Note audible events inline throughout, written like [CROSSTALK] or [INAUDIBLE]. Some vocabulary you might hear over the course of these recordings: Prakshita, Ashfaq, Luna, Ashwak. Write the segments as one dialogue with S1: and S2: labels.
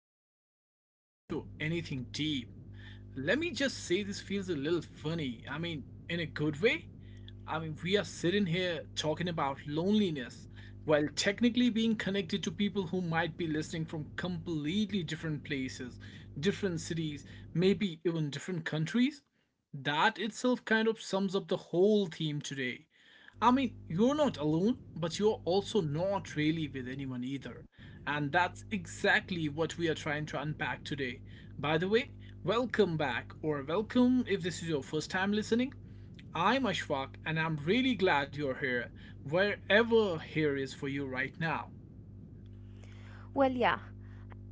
S1: before we even get into anything deep, let me just say this feels a little funny. In a good way. We are sitting here talking about loneliness while technically being connected to people who might be listening from completely different places, different cities, maybe even different countries. That itself kind of sums up the whole theme today. You're not alone, but you're also not really with anyone either. And that's exactly what we are trying to unpack today. By the way, welcome back, or welcome if this is your first time listening. I'm Ashfaq, and I'm really glad you're here, wherever here is for you right now.
S2: Well, yeah.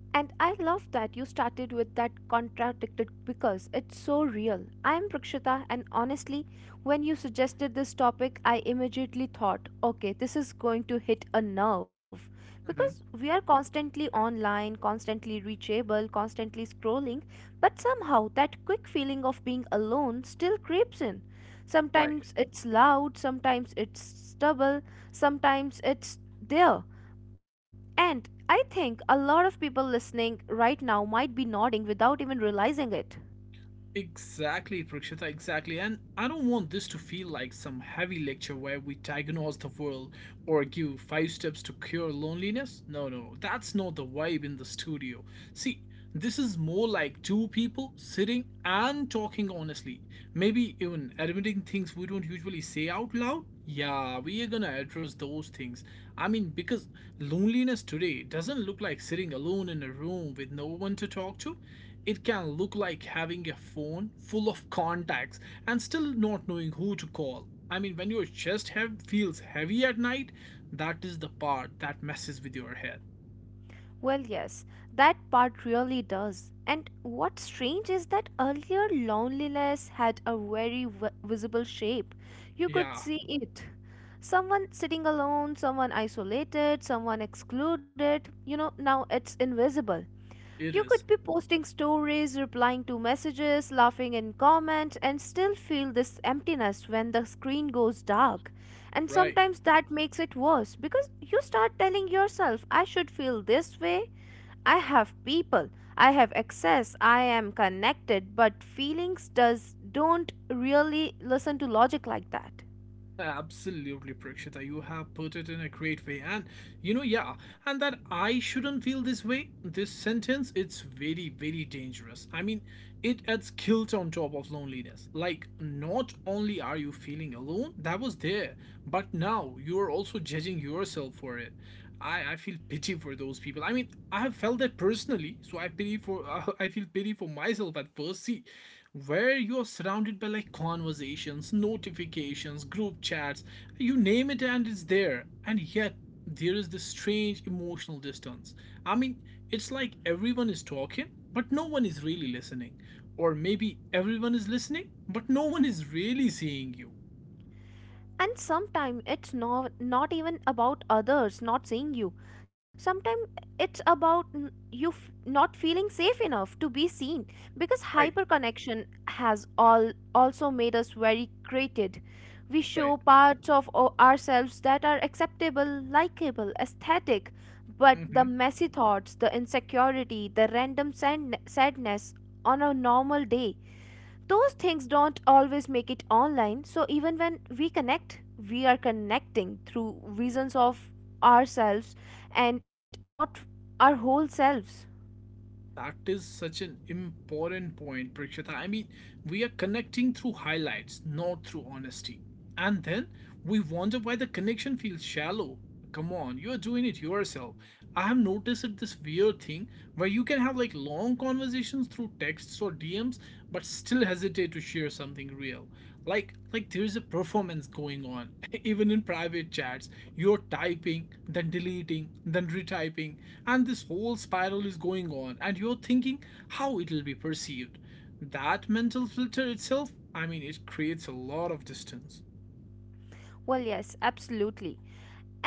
S2: And I love that you started with that contradicted because it's so real. I am Prakshita, and honestly, when you suggested this topic, I immediately thought, okay, this is going to hit a nerve.
S1: Mhm.
S2: Because we are constantly online, constantly reachable, constantly scrolling, but somehow that quick feeling of being alone still creeps in.
S1: Right.
S2: Sometimes it's loud, sometimes it's stubble, sometimes it's there, and I think a lot of people listening right now might be nodding without even realizing it.
S1: Exactly, Prakshita, exactly. And I don't want this to feel like some heavy lecture where we diagnose the world or give five steps to cure loneliness. No, no, that's not the vibe in the studio. See, this is more like two people sitting and talking honestly, maybe even admitting things we don't usually say out loud. Yeah, we are gonna address those things. Because loneliness today doesn't look like sitting alone in a room with no one to talk to. It can look like having a phone full of contacts and still not knowing who to call. I mean, when your feels heavy at night, that is the part that messes with your head.
S2: Well, yes, that part really does. And what's strange is that earlier loneliness had a very visible shape. You
S1: Yeah,
S2: could see it. Someone sitting alone, someone isolated, someone excluded. You know, now it's invisible.
S1: it
S2: You could
S1: is.
S2: be posting stories, replying to messages, laughing in comments, and still feel this emptiness when the screen goes dark. And
S1: Right.
S2: sometimes that makes it worse because you start telling yourself, I should feel this way. I have people, I have access, I am connected, but feelings does don't really listen to logic like that.
S1: Absolutely, Prakshita. You have put it in a great way. And you know, yeah, and that I shouldn't feel this way, this sentence, it's very, very dangerous. I mean, it adds guilt on top of loneliness. Like, not only are you feeling alone, that was there, but now you're also judging yourself for it. I feel pity for those people. I mean, I have felt that personally, so I pity for [LAUGHS] I feel pity for myself at first. See, where you're surrounded by like conversations, notifications, group chats, you name it and it's there. And yet there is this strange emotional distance. I mean, it's like everyone is talking, but no one is really listening. Or maybe everyone is listening, but no one is really seeing you.
S2: And sometimes it's not even about others not seeing you. Sometimes it's about you f- not feeling safe enough to be seen, because
S1: Right,
S2: hyperconnection has all also made us very created. We
S1: right.
S2: show parts of ourselves that are acceptable, likable, aesthetic, but the
S1: Hmm.
S2: messy thoughts, the insecurity, the random sadness on a normal day, those things don't always make it online. So even when we connect, we are connecting through visions of ourselves and not our whole selves.
S1: That is such an important point, Prakshita. We are connecting through highlights, not through honesty. And then we wonder why the connection feels shallow. Come on, you're doing it yourself. I have noticed it, this weird thing where you can have like long conversations through texts or DMs, but still hesitate to share something real, like there is a performance going on [LAUGHS] even in private chats. You're typing, then deleting, then retyping, and this whole spiral is going on and you're thinking how it'll be perceived. That mental filter itself, I mean, it creates a lot of distance.
S2: Well, yes, absolutely.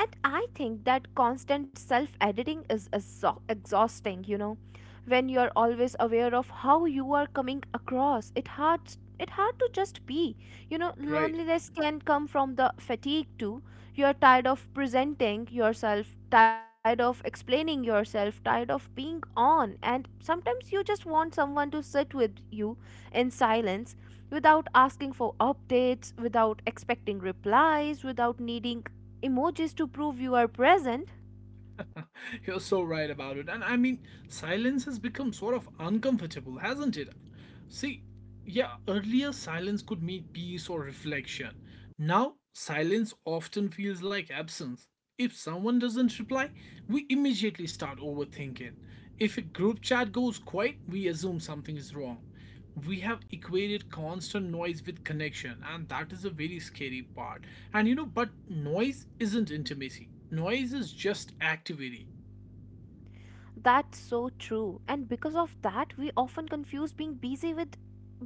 S2: And I think that constant self editing is exhausting. When you are always aware of how you are coming across, it hard to just be. You know,
S1: Right.
S2: loneliness can come from the fatigue too. You are tired of presenting yourself, tired of explaining yourself, tired of being on, and sometimes you just want someone to sit with you in silence, without asking for updates, without expecting replies, without needing emojis to prove you are present.
S1: [LAUGHS] You're so right about it. Silence has become sort of uncomfortable, hasn't it? See, yeah, earlier silence could mean peace or reflection. Now, silence often feels like absence. If someone doesn't reply, we immediately start overthinking. If a group chat goes quiet, we assume something is wrong. We have equated constant noise with connection, and that is a very scary part. And you know, but noise isn't intimacy, noise is just activity.
S2: That's so true. And because of that, we often confuse being busy with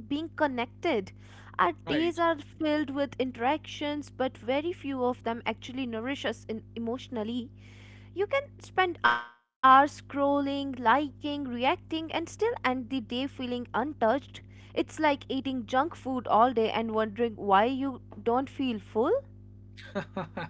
S2: being connected. Our days
S1: Right.
S2: are filled with interactions, but very few of them actually nourish us in emotionally. You can spend hours scrolling, liking, reacting, and still end the day feeling untouched. It's like eating junk food all day and wondering why you don't feel full.
S1: [LAUGHS]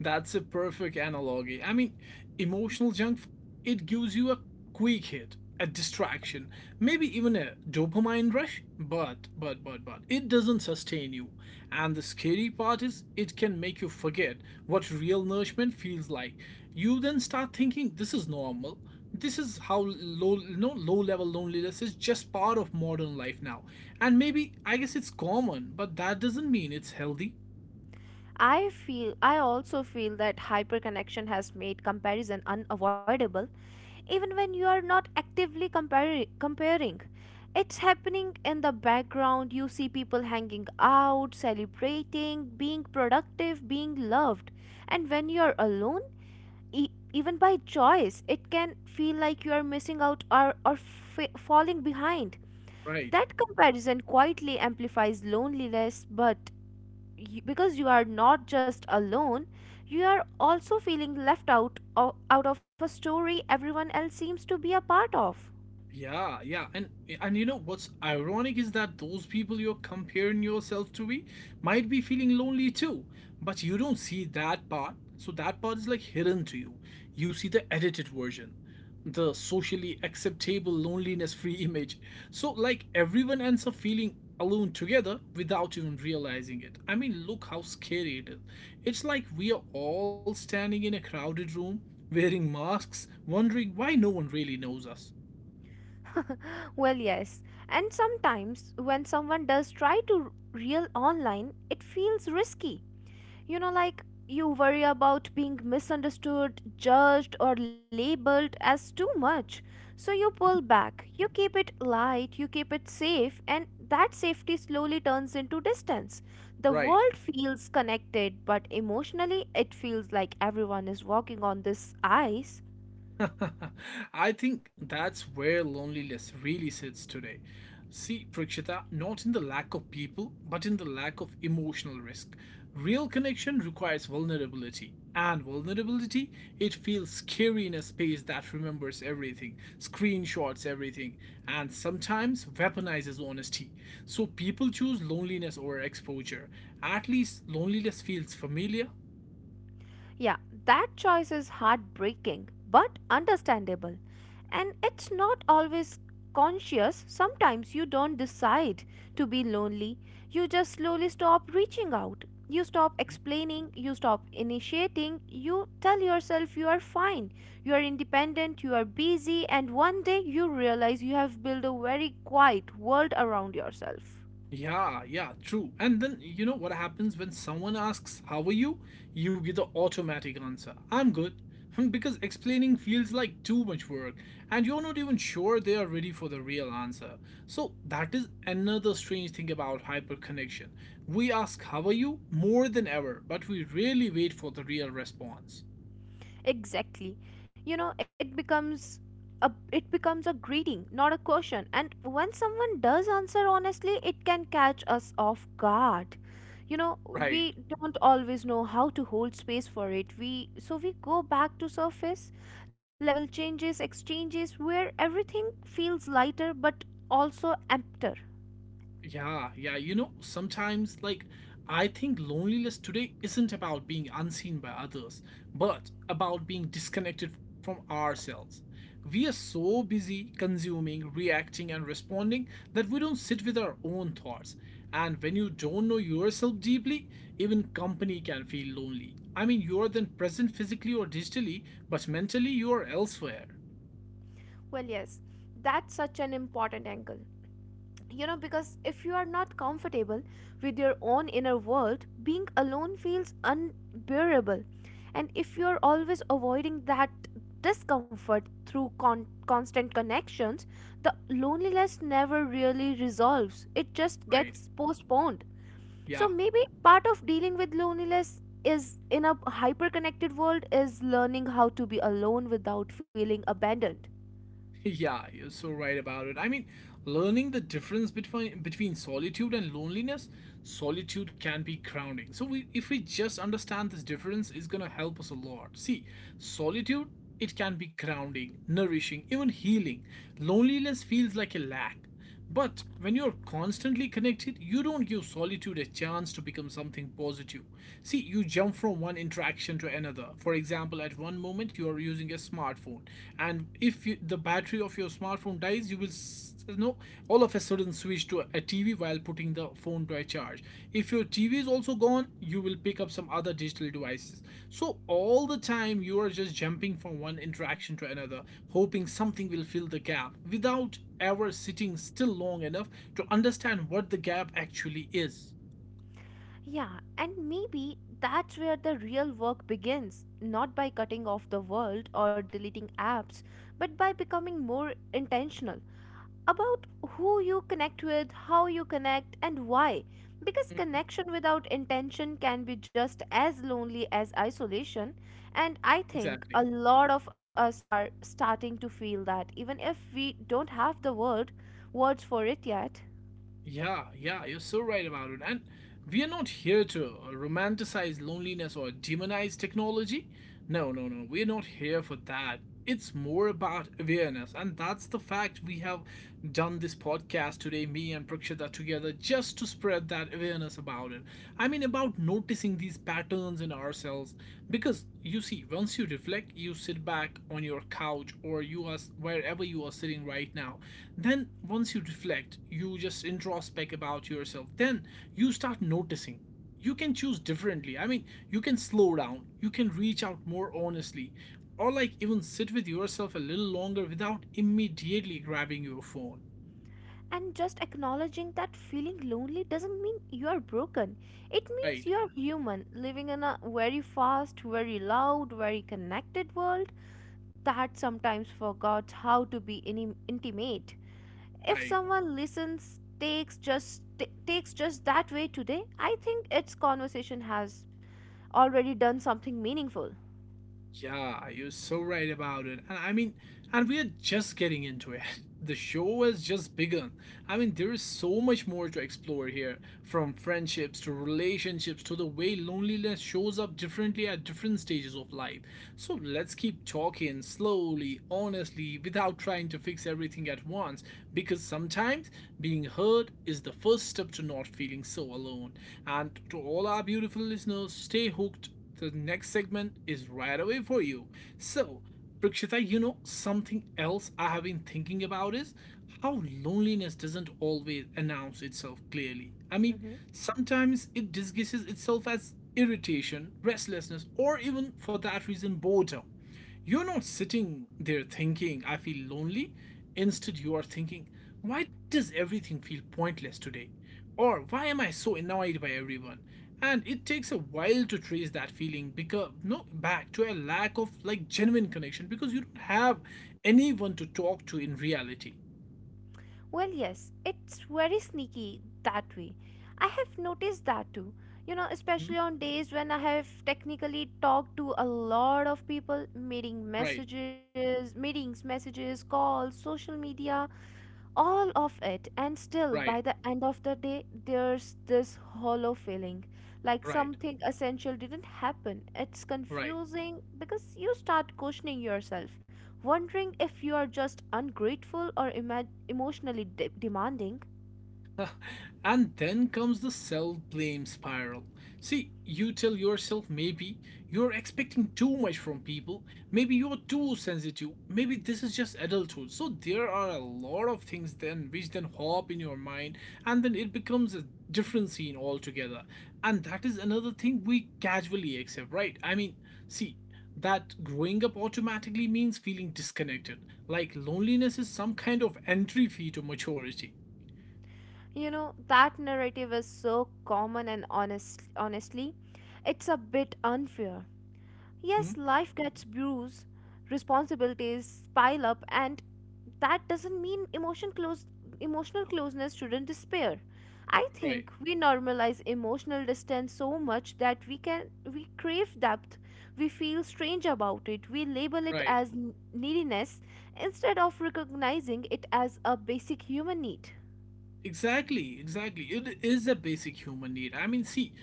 S1: That's a perfect analogy. I mean, emotional junk, it gives you a quick hit, a distraction, maybe even a dopamine rush, but, it doesn't sustain you. And the scary part is, it can make you forget what real nourishment feels like. You then start thinking, this is normal. This is how low, no, low level loneliness is just part of modern life now. And maybe, I guess it's common, but that doesn't mean it's healthy.
S2: I also feel that hyperconnection has made comparison unavoidable, even when you are not actively comparing. It's happening in the background. You see people hanging out, celebrating, being productive, being loved. And when you are alone, even by choice, it can feel like you are missing out, or, falling behind.
S1: Right.
S2: That comparison quietly amplifies loneliness, but you, because you are not just alone, you are also feeling left out of a story everyone else seems to be a part of.
S1: Yeah, yeah, and you know what's ironic is that those people you're comparing yourself to be might be feeling lonely too, but you don't see that part. So that part is like hidden to you. You see the edited version, the socially acceptable loneliness-free [LAUGHS] image. So like everyone ends up feeling alone together without even realizing it. I mean, look how scary it is. It's like we are all standing in a crowded room wearing masks, wondering why no one really knows us.
S2: [LAUGHS] Well, yes, and sometimes when someone does try to reel online, it feels risky. You know, like, you worry about being misunderstood, judged, or labeled as too much. So you pull back, you keep it light, you keep it safe, and that safety slowly turns into distance. The
S1: Right.
S2: world feels connected, but emotionally, it feels like everyone is walking on this ice.
S1: [LAUGHS] I think that's where loneliness really sits today. See, Prakshita, not in the lack of people, but in the lack of emotional risk. Real connection requires vulnerability, and vulnerability, it feels scary in a space that remembers everything, screenshots everything, and sometimes weaponizes honesty. So people choose loneliness over exposure. At least loneliness feels familiar.
S2: Yeah, that choice is heartbreaking but understandable. And it's not always conscious. Sometimes you don't decide to be lonely. You just slowly stop reaching out. You stop explaining, you stop initiating, you tell yourself you are fine, you are independent, you are busy, and one day you realize you have built a very quiet world around yourself.
S1: Yeah, yeah, true. And then you know what happens when someone asks, how are you? You give the automatic answer, I'm good. [LAUGHS] Because explaining feels like too much work, and you're not even sure they are ready for the real answer. So, that is another strange thing about hyperconnection. We ask, how are you? More than ever, but we rarely wait for the real response.
S2: Exactly. You know, it becomes a greeting, not a question. And when someone does answer honestly, it can catch us off guard. You know,
S1: Right.
S2: we don't always know how to hold space for it. We so we go back to surface level exchanges, where everything feels lighter but also emptier.
S1: Yeah, yeah. You know, sometimes, like, I think loneliness today isn't about being unseen by others, but about being disconnected from ourselves. We are so busy consuming, reacting, and responding that we don't sit with our own thoughts. And when you don't know yourself deeply, even company can feel lonely. I mean, you are then present physically or digitally, but mentally you are elsewhere,
S2: Well, yes, that's such an important angle. You know, because if you are not comfortable with your own inner world, being alone feels unbearable. And if you are always avoiding that discomfort through constant connections, the loneliness never really resolves, it just
S1: right?
S2: gets postponed.
S1: Yeah.
S2: So maybe part of dealing with loneliness is in a hyper connected world is learning how to be alone without feeling abandoned.
S1: Yeah, you're so right about it. I mean, learning the difference between solitude and loneliness, solitude can be grounding. So we if we just understand this difference is going to help us a lot. See, solitude, it can be grounding, nourishing, even healing. Loneliness feels like a lack. But when you're constantly connected, you don't give solitude a chance to become something positive. See, you jump from one interaction to another. For example, at one moment you are using a smartphone, and if you, the battery of your smartphone dies, you will, you know, all of a sudden switch to a TV while putting the phone to a charge. If your TV is also gone, you will pick up some other digital devices. So all the time you are just jumping from one interaction to another, hoping something will fill the gap without ever sitting still long enough to understand what the gap actually is.
S2: Yeah, and maybe that's where the real work begins, not by cutting off the world or deleting apps, but by becoming more intentional about who you connect with, how you connect, and why. Because
S1: Mhm.
S2: connection without intention can be just as lonely as isolation, and I think
S1: Exactly.
S2: a lot of us are starting to feel that, even if we don't have the words for it yet.
S1: Yeah, yeah, you're so right about it. And we are not here to romanticize loneliness or demonize technology. No, no, no. We're not here for that. It's more about awareness, and that's the fact we have done this podcast today, me and Prakshita together, just to spread that awareness about it. I mean, about noticing these patterns in ourselves. Because you see, once you reflect, you sit back on your couch or you are wherever you are sitting right now. Then, once you reflect, you just introspect about yourself. Then you start noticing you can choose differently. I mean, you can slow down, you can reach out more honestly, or like even sit with yourself a little longer without immediately grabbing your phone.
S2: And just acknowledging that feeling lonely doesn't mean you are broken. It means
S1: Right,
S2: you are human, living in a very fast, very loud, very connected world that sometimes forgot how to be intimate. If
S1: right.
S2: someone listens, takes just that way today, I think its conversation has already done something meaningful.
S1: Yeah, you're so right about it. And I mean, and we are just getting into it. [LAUGHS] The show has just begun. I mean, there is so much more to explore here, from friendships to relationships to the way loneliness shows up differently at different stages of life. So let's keep talking, slowly, honestly, without trying to fix everything at once, because sometimes being heard is the first step to not feeling so alone. And to all our beautiful listeners, stay hooked. The next segment is right away for you. So, Prakshita, you know, something else I have been thinking about is how loneliness doesn't always announce itself clearly. I mean,
S2: Mm-hmm.
S1: sometimes it disguises itself as irritation, restlessness, or even for that reason, boredom. You're not sitting there thinking, I feel lonely. Instead, you are thinking, why does everything feel pointless today? Or why am I so annoyed by everyone? And it takes a while to trace that feeling because, no, back to a lack of like genuine connection because you don't have anyone to talk to in reality.
S2: Well, yes, it's very sneaky that way. I have noticed that too. You know,
S1: Mhm.
S2: especially on days when I have technically talked to a lot of people,
S1: Right,
S2: meetings, messages, calls, social media, all of it, and still
S1: right,
S2: by the end of the day there's this hollow feeling, like
S1: right,
S2: something essential didn't happen. It's
S1: right.
S2: confusing because you start questioning yourself, wondering if you are just ungrateful or emotionally demanding.
S1: And then comes the self blame spiral. See, you tell yourself maybe you're expecting too much from people, maybe you're too sensitive, maybe this is just adulthood. So there are a lot of things then which then hop in your mind, and then it becomes a different scene altogether. And that is another thing we casually accept, right? I mean, see, that growing up automatically means feeling disconnected, like loneliness is some kind of entry fee to maturity.
S2: You know, that narrative is so common, and honestly, it's a bit unfair.
S1: Hmm?
S2: Yes, life gets bruised, responsibilities pile up, and that doesn't mean emotional closeness shouldn't despair. I
S1: Right,
S2: think we normalize emotional distance so much that we crave depth. We feel strange about it. We label it
S1: right.
S2: as neediness instead of recognizing it as a basic human need.
S1: Exactly, exactly. It is a basic human need. I mean, see,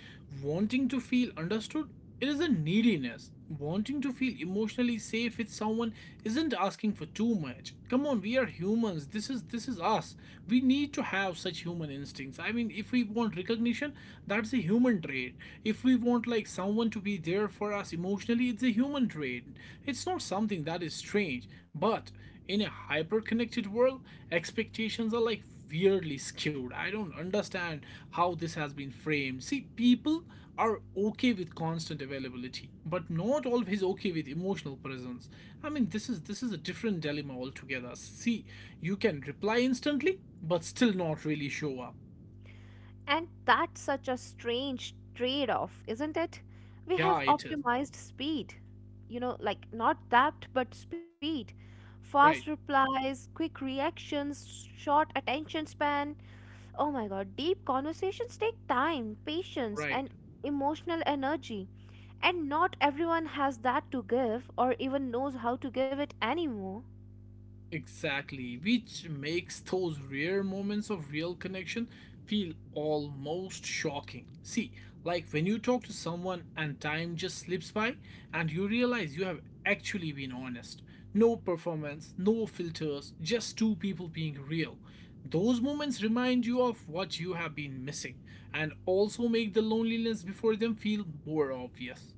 S1: wanting to feel understood, it is a neediness. Wanting to feel emotionally safe with someone isn't asking for too much. Come on, we are humans. This is us. We need to have such human instincts. I mean, if we want recognition, that's a human trait. If we want like someone to be there for us emotionally, it's a human trait. It's not something that is strange, but in a hyper connected world, expectations are like weirdly skewed. I don't understand how this has been framed. See, people are okay with constant availability, but not always okay with emotional presence. I mean, this is a different dilemma altogether. See, you can reply instantly, but still not really show up.
S2: And that's such a strange trade off, isn't it? We
S1: Yeah,
S2: have
S1: it is.
S2: optimized speed. You know, like, not depth, but speed.
S1: Right,
S2: Fast replies, quick reactions, short attention span. Oh my god, deep conversations take time, patience,
S1: right.
S2: and emotional energy. And not everyone has that to give or even knows how to give it anymore.
S1: Exactly, which makes those rare moments of real connection feel almost shocking. See, like when you talk to someone and time just slips by and you realize you have actually been honest. No performance, no filters, just two people being real. Those moments remind you of what you have been missing and also make the loneliness before them feel more obvious.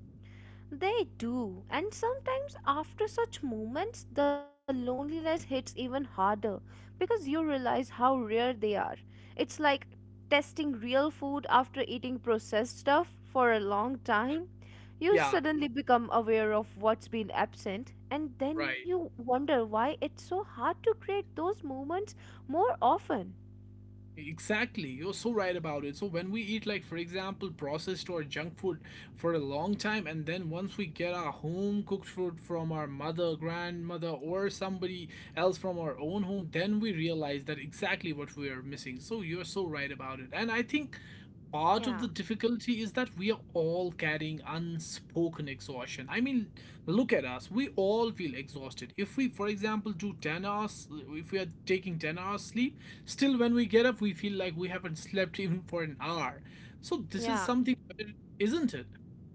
S2: They do, and sometimes after such moments, the loneliness hits even harder because you realize how rare they are. It's like testing real food after eating processed stuff for a long time. You
S1: Yeah,
S2: suddenly become aware of what's been absent, and then
S1: right.
S2: you wonder why it's so hard to create those moments more often.
S1: Exactly, you're so right about it. So, when we eat, like, for example, processed or junk food for a long time, and then once we get our home cooked food from our mother, grandmother, or somebody else from our own home, then we realize that exactly what we are missing. So, you're so right about it. And I think part of
S2: Yeah,
S1: the difficulty is that we are all carrying unspoken exhaustion. I mean, look at us. We all feel exhausted. If we, for example, do 10 hours, if we are taking 10 hours sleep, still when we get up, we feel like we haven't slept [LAUGHS] even for an hour. So this is
S2: yeah,
S1: something, isn't it?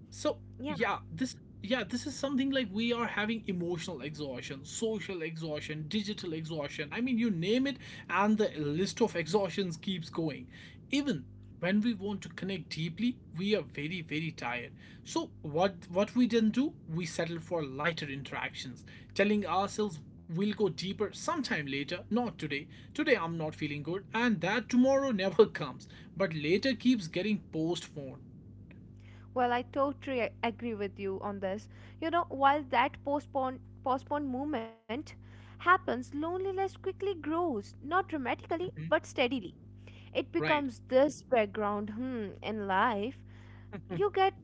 S1: So
S2: yeah.
S1: yeah, this is something like we are having emotional exhaustion, social exhaustion, digital exhaustion. I mean, you name it, and the list of exhaustions keeps going. Even when we want to connect deeply, we are very, very tired. So what we then do, we settle for lighter interactions, telling ourselves we'll go deeper sometime later, not today. Today I'm not feeling good, and that tomorrow [LAUGHS] never comes. But later keeps getting postponed.
S2: Well, I totally agree with you on this. You know, while that postponed movement happens, loneliness quickly grows, not dramatically, but steadily. It
S1: [LAUGHS] Right.
S2: becomes this background hmm, in life. You get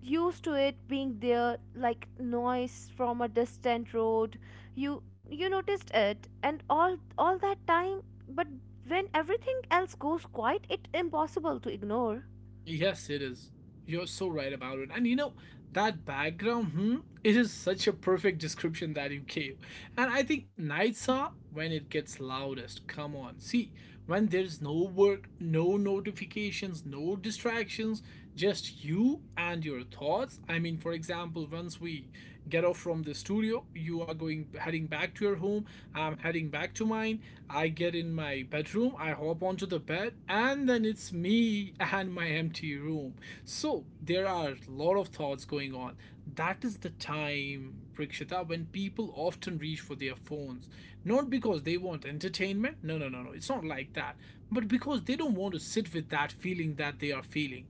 S2: used to it being there like noise from a distant road. You noticed it and all that time, but when everything else goes quiet, it's impossible to ignore.
S1: Yes, it is. You're so right about it. And you know, that background, hmm, it is such a perfect description that you gave. And I think nights are when it gets loudest. Come on. See, when there's no work, no notifications, no distractions, just you and your thoughts. I mean, for example, once we get off from the studio, you are going heading back to your home, I'm heading back to mine. I get in my bedroom, I hop onto the bed, and then it's me [LAUGHS] and my empty room. So there are a lot of thoughts going on. That is the time, Prakshita, when people often reach for their phones, not because they want entertainment. No, no, no, no, it's not like that, but because they don't want to sit with that feeling that they are feeling.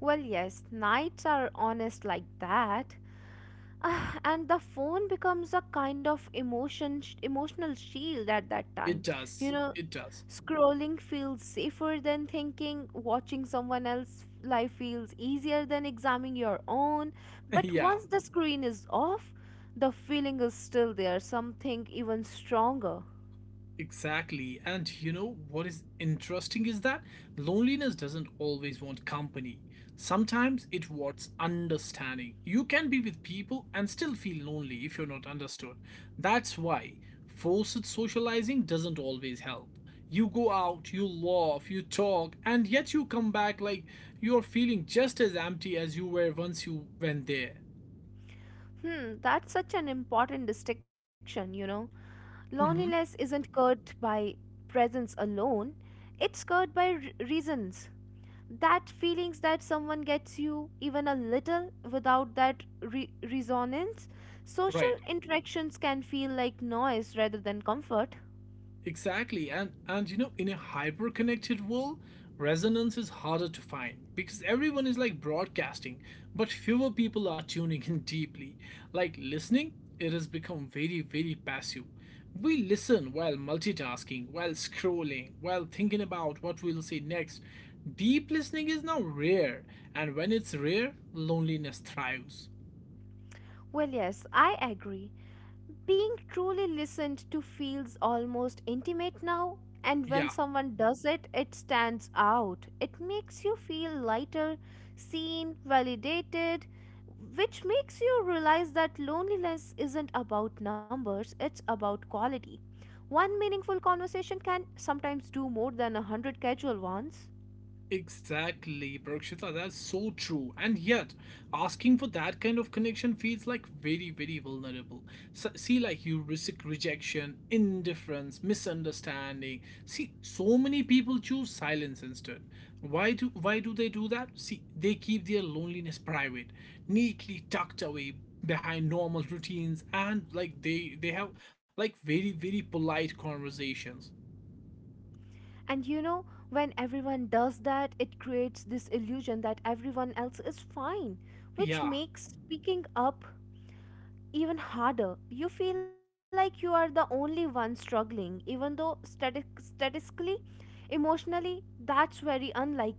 S2: Well, yes, nights are honest like that. [SIGHS] Ah, and the phone becomes a kind of emotional shield at that
S1: it
S2: time. You
S1: does
S2: know,
S1: it does
S2: scrolling feels safer than thinking, watching someone else's life feels easier than examining your own. But
S1: [LAUGHS] Yeah.
S2: once the screen is off, the feeling is still there, something even stronger.
S1: Exactly. And you know what is interesting is that loneliness doesn't always want company. Sometimes it wants understanding. You can be with people and still feel lonely if you're not understood. That's why forced socializing doesn't always help. You go out, you laugh, you talk, and yet you come back like you're feeling just as empty as you were once you went there.
S2: Hmm, that's such an important distinction, you know. Loneliness
S1: Hmm.
S2: isn't curbed by presence alone, it's curbed by reasons. That feelings that someone gets you even a little without that resonance. Social
S1: Right.
S2: interactions can feel like noise rather than comfort.
S1: Exactly. And you know, in a hyper connected world, resonance is harder to find because everyone is like broadcasting, but fewer people are tuning in deeply. Like listening, it has become very, very passive. We listen while multitasking, while scrolling, while thinking about what we'll say next. Deep listening is now rare, and when it's rare, loneliness thrives.
S2: Well, yes, I agree. Being truly listened to feels almost intimate now, and when
S1: Yeah.
S2: someone does it, it stands out. It makes you feel lighter, seen, validated, which makes you realize that loneliness isn't about numbers, it's about quality. One meaningful conversation can sometimes do more than 100 casual ones.
S1: Exactly, Prakshita, that's so true. And yet, asking for that kind of connection feels like very, very vulnerable. So, see, like you risk rejection, indifference, misunderstanding. See, so many people choose silence instead. Why do they do that? See, they keep their loneliness private, neatly tucked away behind normal routines, and like they have like very, very polite conversations.
S2: And you know, when everyone does that, it creates this illusion that everyone else is fine, which
S1: Yeah.
S2: makes speaking up even harder. You feel like you are the only one struggling, even though statistically, emotionally, that's very unlikely.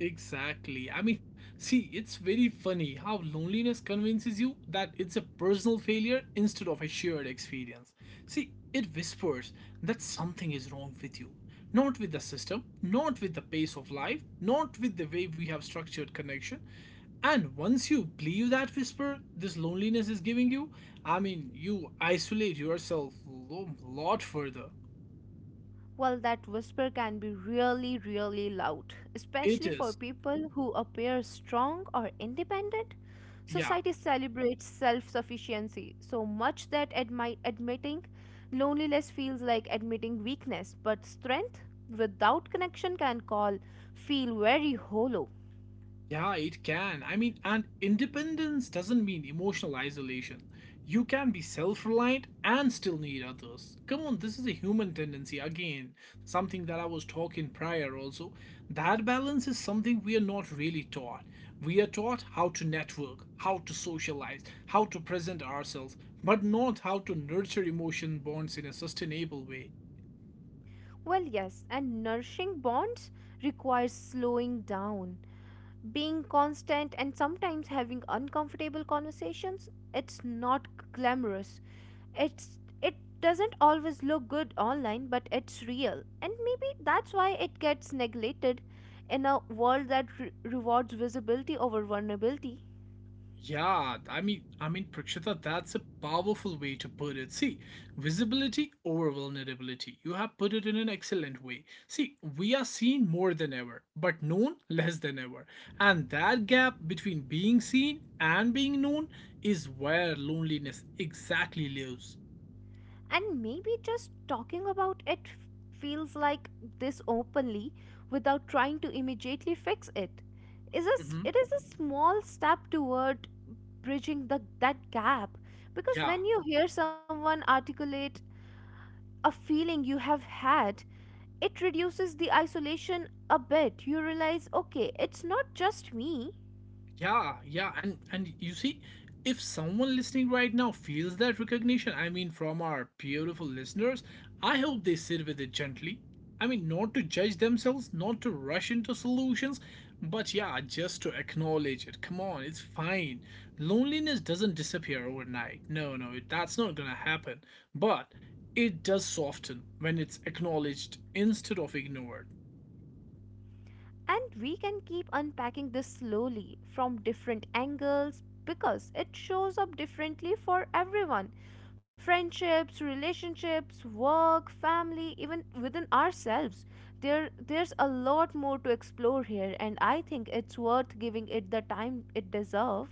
S1: Exactly. I mean, see, it's very funny how loneliness convinces you that it's a personal failure instead of a shared experience. See, it whispers that something is wrong with you. Not with the system, not with the pace of life, not with the way we have structured connection. And once you believe that whisper this loneliness is giving you, I mean, you isolate yourself a lot further.
S2: Well, that whisper can be really really loud,
S1: It
S2: especially for
S1: is,
S2: people who appear strong or independent.
S1: yeah.
S2: Society celebrates self-sufficiency so much that admitting loneliness feels like admitting weakness, but strength without connection can call feel very hollow.
S1: Yeah, it can. I mean, and independence doesn't mean emotional isolation. You can be self reliant and still need others. Come on, this is a human tendency. Again, something that I was talking prior also. That balance is something we are not really taught. We are taught how to network, how to socialize, how to present ourselves, but not how to nurture emotion bonds in a sustainable way.
S2: Well, yes, and nourishing bonds requires slowing down, being constant, and sometimes having uncomfortable conversations. It's not glamorous. It doesn't always look good online, but it's real, and maybe that's why it gets neglected in a world that rewards visibility over vulnerability.
S1: Yeah, I mean, Prakshita, that's a powerful way to put it. See, visibility over vulnerability. You have put it in an excellent way. See, we are seen more than ever, but known less than ever. And that gap between being seen and being known is where loneliness exactly lives.
S2: And maybe just talking about it feels like this openly, without trying to immediately fix it.
S1: Hmm.
S2: It is a small step toward bridging that gap, because
S1: Yeah.
S2: when you hear someone articulate a feeling you have had, it reduces the isolation a bit. You realize, okay, it's not just me.
S1: Yeah, yeah, and you see, if someone listening right now feels that recognition, I mean, from our beautiful listeners, I hope they sit with it gently. I mean, not to judge themselves, not to rush into solutions, but yeah, just to acknowledge it. Come on, it's fine. Loneliness doesn't disappear overnight. No, no, it- that's not gonna happen. But it does soften when it's acknowledged instead of ignored.
S2: And we can keep unpacking this slowly from different angles because it shows up differently for everyone: friendships, relationships, work, family, even within ourselves. There's a lot more to explore here, and I think it's worth giving it the time it deserves.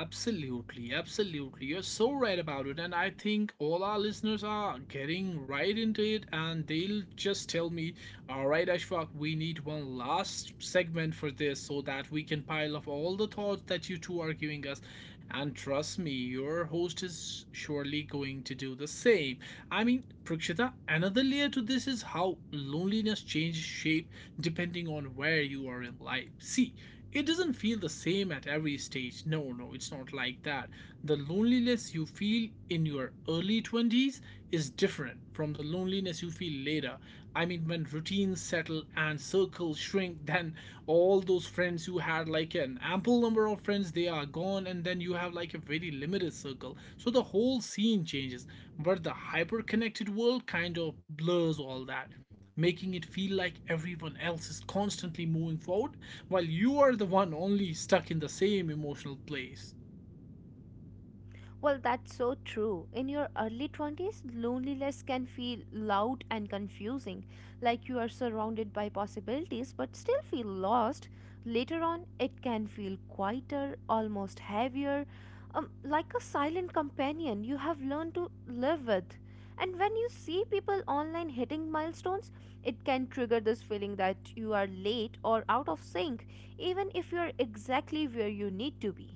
S1: Absolutely, absolutely. You're so right about it. And I think all our listeners are getting right into it and they'll just tell me, all right, Ashfaq, we need one last segment for this so that we can pile up all the thoughts that you two are giving us. And trust me, your host is surely going to do the same. I mean, Prakshita, another layer to this is how loneliness changes shape depending on where you are in life. See, it doesn't feel the same at every stage. No, no, it's not like that. The loneliness you feel in your early 20s is different from the loneliness you feel later. I mean, when routines settle and circles shrink, [LAUGHS] then all those friends you had, like an ample number of friends, they are gone, and then you have like a very limited circle. So the whole scene changes, but the hyper connected world kind of blurs all that, making it feel like everyone else is constantly moving forward while you are the one only stuck in the same emotional place.
S2: Well, that's so true. In your early 20s, loneliness can feel loud and confusing, like you are surrounded by possibilities but still feel lost. Later on, it can feel quieter, almost heavier, like a silent companion you have learned to live with. And when you see people online hitting milestones, it can trigger this feeling that you are late or out of sync, even if you're exactly where you need to be.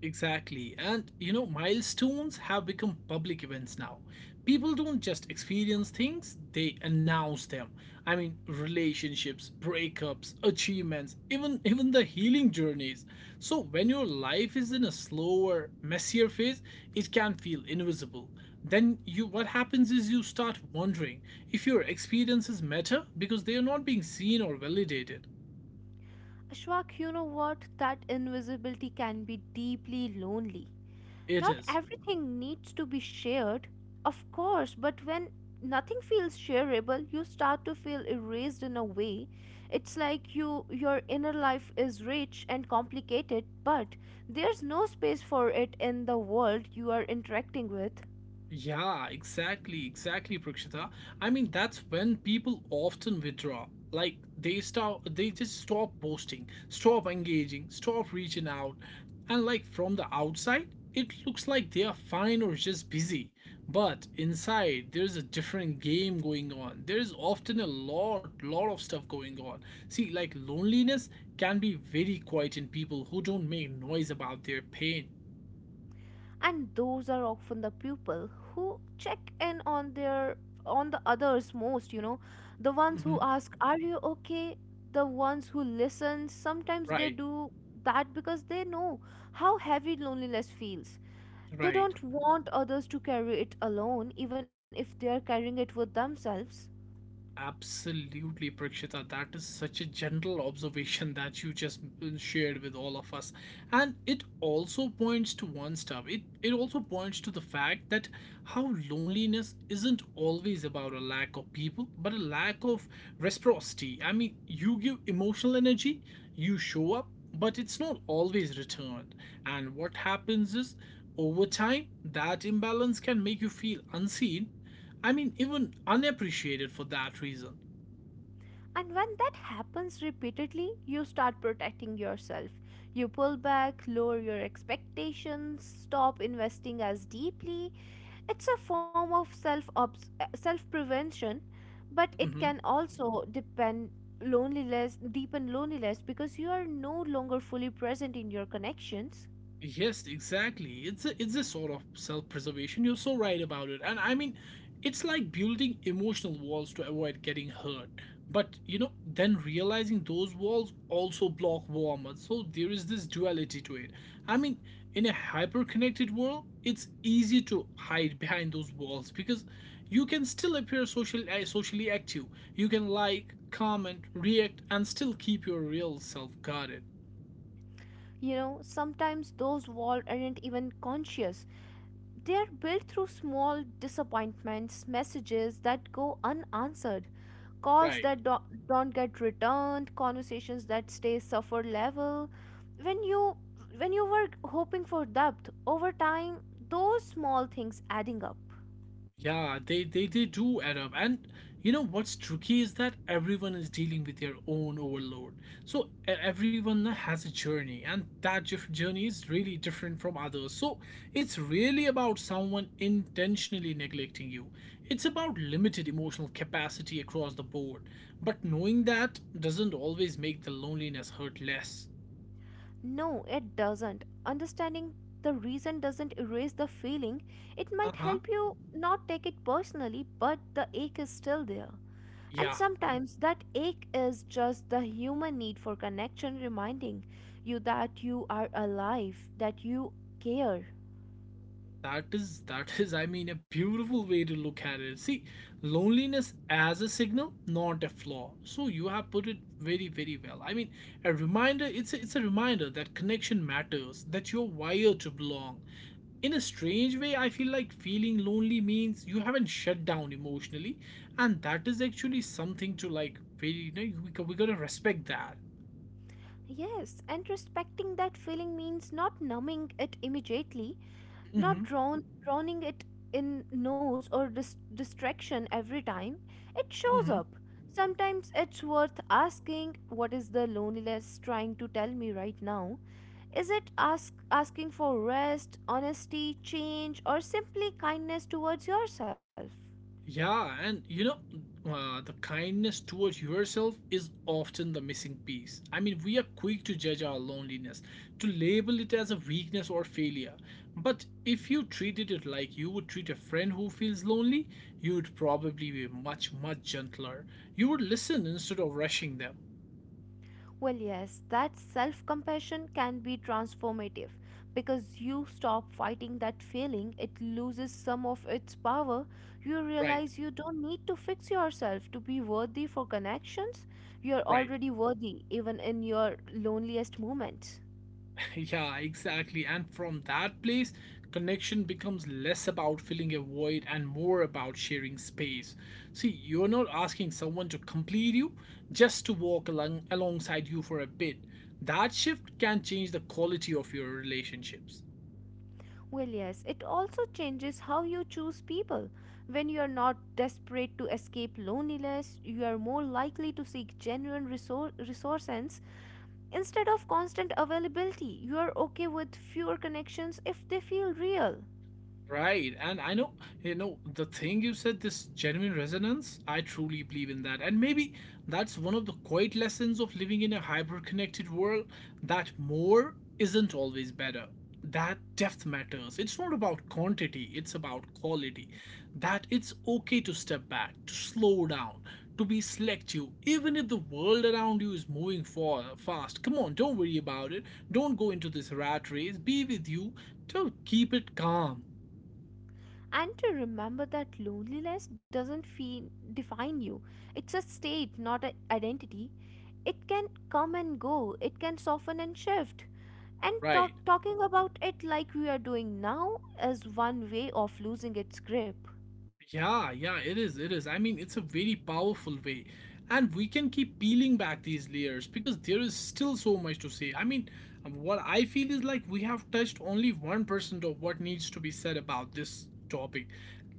S1: Exactly. And you know, milestones have become public events now. People don't just experience things, they announce them. I mean, relationships, breakups, achievements, even [LAUGHS] even the healing journeys. So when your life is in a slower, messier phase, it can feel invisible. Then you what happens is you start wondering if your experiences matter because they are not being seen or validated.
S2: Ashwak, you know what? That invisibility can be deeply lonely.
S1: It
S2: Not
S1: is.
S2: everything needs to be shared, of course, but when nothing feels shareable, you start to feel erased in a way. It's like your inner life is rich and complicated, but there's no space for it in the world you are interacting with.
S1: Yeah, exactly, exactly, Prakshita. I mean, that's when people often withdraw. Like they stop, they just stop posting, stop engaging, stop reaching out. And like from the outside, it looks like they are fine or just busy. But inside, there's a different game going on. There's often a lot, lot of stuff going on. See, like loneliness can be very quiet in people who don't make noise about their pain.
S2: And those are often the people who check in on their on the others most, you know, the ones who
S1: Hmm.
S2: ask, are you okay, the ones who listen. Sometimes they
S1: Right,
S2: do that because they know how heavy loneliness feels. They
S1: right.
S2: don't want others to carry it alone, even if they are carrying it with themselves.
S1: Absolutely, Prakshita. That is such a general observation [LAUGHS] that you just shared with all of us. And it also points to one stuff. It also points to the fact that how loneliness isn't always about a lack of people, but a lack of reciprocity. I mean, you give emotional energy, you show up, but it's not always returned. And what happens is over time, that imbalance can make you feel unseen, I mean, even unappreciated for that reason.
S2: And when that happens repeatedly, you start protecting yourself. You pull back, lower your expectations, stop investing as deeply. It's a form of self prevention, but it
S1: Mhm.
S2: can also depend loneliness, deepen loneliness, because you are no longer fully present in your connections.
S1: Yes, exactly. It's a sort of self-preservation. You're so right about it. And I mean, it's like building emotional walls to avoid getting hurt. But you know, then realizing those walls also block warmth. So there is this duality to it. I mean, in a hyper-connected world, it's easy to hide behind those walls because you can still appear social, socially active. You can like, comment, react, and still keep your real self guarded.
S2: You know, sometimes those walls aren't even conscious. They are built through small disappointments, messages that go unanswered, calls
S1: Right.
S2: that don't get returned, conversations that stay suffer level when you when you were hoping for depth. Over time, those small things adding up.
S1: Yeah, they do add up. And you know what's tricky is that everyone is dealing with their own overload. So e- everyone has a journey, and that jif- journey is really different from others. So it's really about someone intentionally neglecting you. It's about limited emotional capacity across the board. But knowing that doesn't always make the loneliness hurt less.
S2: No, it doesn't. Understanding the reason doesn't erase the feeling. It
S1: Uh
S2: might
S1: huh.
S2: help you not take it personally, but the ache is still there. And
S1: Yeah.
S2: sometimes that ache is just the human need for connection, reminding you that you are alive, that you care.
S1: That is, I mean, a beautiful way to look at it. See, loneliness as a signal, not a flaw. So you have put it very, very well. I mean, a reminder, it's a reminder that connection matters, that you're wired to belong. In a strange way, I feel like feeling lonely means you haven't shut down emotionally, and that is actually something to like, very, we gotta respect that.
S2: Yes, and respecting that feeling means not numbing it immediately, not
S1: Hmm.
S2: drowning it in noise or distraction every time it shows
S1: Hmm.
S2: up. Sometimes it's worth asking, what is the loneliness trying to tell me right now? Is it asking for rest, honesty, change, or simply kindness towards yourself?
S1: Yeah, and the kindness towards yourself is often the missing piece. I mean, we are quick to judge our loneliness, to label it as a weakness or failure. But if you treated it like you would treat a friend who feels lonely, you would probably be much, much gentler. You would listen instead of rushing them.
S2: Well, yes, that self compassion can be transformative because you stop fighting that feeling, it loses some of its power. You
S1: Right,
S2: realize you don't need to fix yourself to be worthy for connections. You're
S1: right.
S2: already worthy, even in your loneliest moments.
S1: [LAUGHS] Yeah, exactly. And from that place, connection becomes less about filling a void and more about sharing space. See, you're not asking someone to complete you, just to walk along alongside you for a bit. That shift can change the quality of your relationships.
S2: Well, yes, it also changes how you choose people. When you are not desperate to escape loneliness, you are more likely to seek genuine resources. Instead of constant availability, you are okay with fewer connections if they feel real.
S1: Right. And I know, you know, the thing you said, this genuine resonance, I truly believe in that. And maybe that's one of the quiet lessons of living in a hyper connected world that more isn't always better. That depth matters. It's not about quantity, it's about quality. That it's okay to step back, to slow down, to be selective, even if the world around you is moving for fast. Come on, don't worry about it. Don't go into this rat race. Be with you. To keep it calm.
S2: And to remember that loneliness doesn't define you, it's a state, not an identity. It can come and go, it can soften and shift. And
S1: Right.
S2: talking about it like we are doing now is one way of losing its grip.
S1: Yeah, yeah, it is. It is. I mean, it's a very powerful way. And we can keep peeling back these layers because there is still so much to say. I mean, what I feel is like we have touched only 1% of what needs to be said about this topic.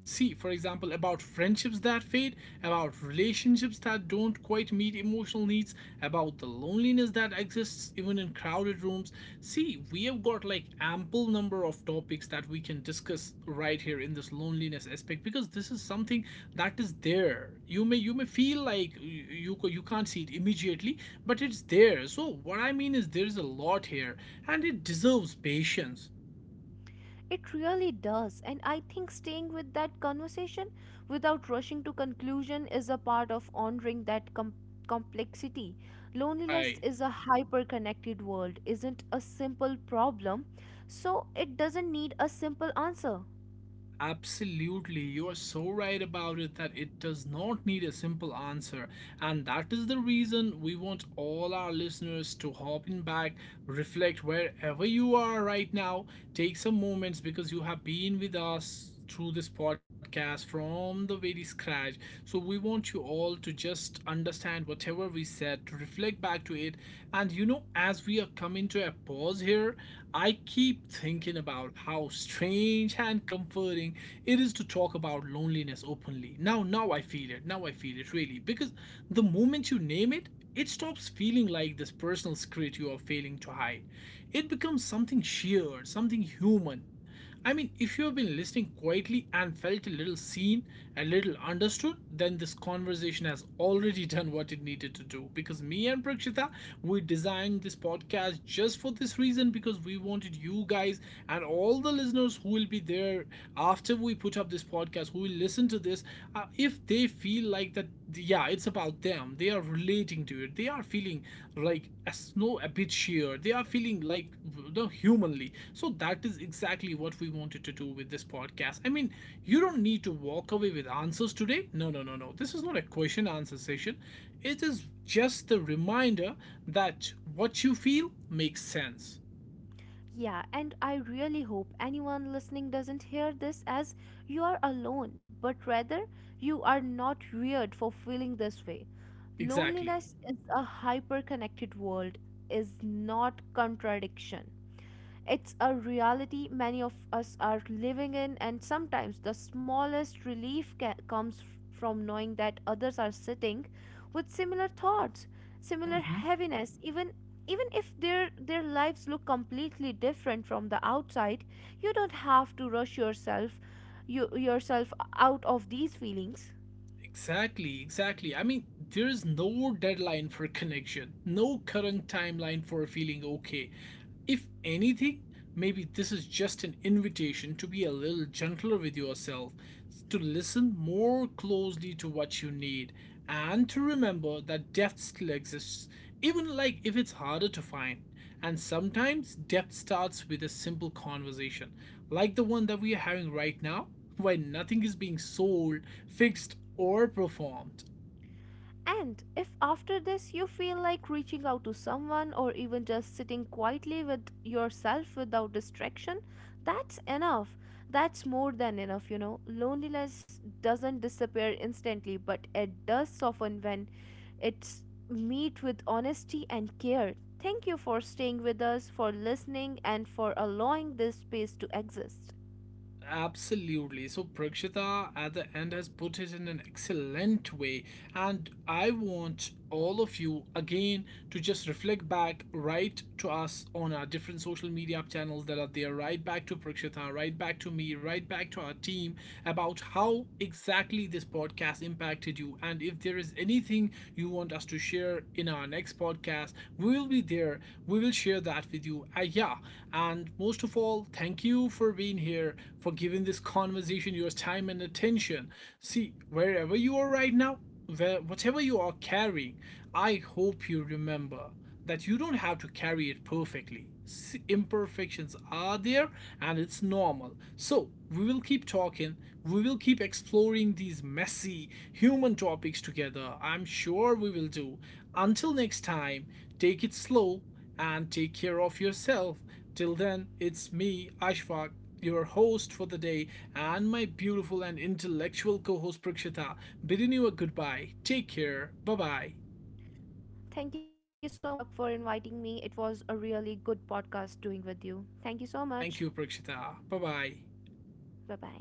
S1: See, for example, about friendships that fade, about relationships that don't quite meet emotional needs, about the loneliness that exists even in crowded rooms. See, we have got like ample number of topics that we can discuss right here in this loneliness aspect because this is something that is there. You may feel like you can't see it immediately, but it's there. So what I mean is there is a lot here and it deserves patience.
S2: It really does, and I think staying with that conversation without rushing to conclusion is a part of honoring that complexity. Loneliness
S1: Right.
S2: is a hyper-connected world, isn't a simple problem, so it doesn't need a simple answer.
S1: Absolutely, you are so right about it that it does not need a simple answer. And that is the reason we want all our listeners to hop in back, reflect wherever you are right now, take some moments because you have been with us through this podcast from the very scratch. So we want you all to just understand whatever we said, to reflect back to it. And you know, as we are coming to a pause here, I keep thinking about how strange and comforting it is to talk about loneliness openly. Now, now I feel it. Now I feel it really. Because the moment you name it, it stops feeling like this personal secret you are failing to hide. It becomes something sheer, something human. I mean, if you have been listening quietly and felt a little seen, a little understood, then this conversation has already [LAUGHS] done what it needed to do. Because me and Prakshita, we designed this podcast just for this reason because we wanted you guys and all the listeners who will be there after we put up this podcast, who will listen to this, if they feel like that, yeah, it's about them, they are relating to it, they are feeling like a snow a bit sheer, they are feeling like the humanly, so that is exactly what we wanted to do with this podcast. I mean, you don't need to walk away with answers today. No, no, no, no, this is not a question answer session. It is just the reminder that what you feel makes sense.
S2: Yeah, and I really hope anyone listening doesn't hear this as, you are alone, but rather, you are not weird for feeling this way.
S1: Exactly.
S2: Loneliness is a hyper connected world, is not contradiction. It's a reality many of us are living in, and sometimes the smallest relief comes from knowing that others are sitting with similar thoughts, similar
S1: Hmm.
S2: heaviness, even even if their lives look completely different from the outside. You don't have to rush yourself, you yourself, out of these feelings.
S1: Exactly, exactly. I mean, there is no deadline for connection, no current timeline for feeling okay. If anything, maybe this is just an invitation to be a little gentler with yourself, to listen more closely to what you need, and to remember that depth still exists, even like if it's harder to find. And sometimes depth starts with a simple conversation, like the one that we are having right now, where nothing is being sold, fixed, or performed.
S2: And if after this you feel like reaching out to someone or even just sitting quietly with yourself without distraction, that's enough. That's more than enough, you know. Loneliness doesn't disappear instantly, but it does soften when it's meet with honesty and care. Thank you for staying with us, for listening, and for allowing this space to exist.
S1: Absolutely. So Prakshita at the end has put it in an excellent way. And I want all of you again to just reflect back, write to us on our different social media channels that are there, right back to Prakshita, right back to me, right back to our team, about how exactly this podcast impacted you. And if there is anything you want us to share in our next podcast, we will be there. We will share that with you. Yeah. And most of all, thank you for being here, for giving this conversation your time and attention. See, wherever you are right now, whatever you are carrying, I hope you remember that you don't have to carry it perfectly. Imperfections are there and it's normal. So, we will keep talking, we will keep exploring these messy human topics together. I'm sure we will do. Until next time, take it slow and take care of yourself. Till then, it's me, Ashfaq, your host for the day, and my beautiful and intellectual co host Prakshita, bidding you a goodbye. Take care. Bye bye.
S2: Thank you so much, Ashfaq, for inviting me. It was a really good podcast doing with you. Thank you so much.
S1: Thank you, Prakshita. Bye bye.
S2: 拜拜。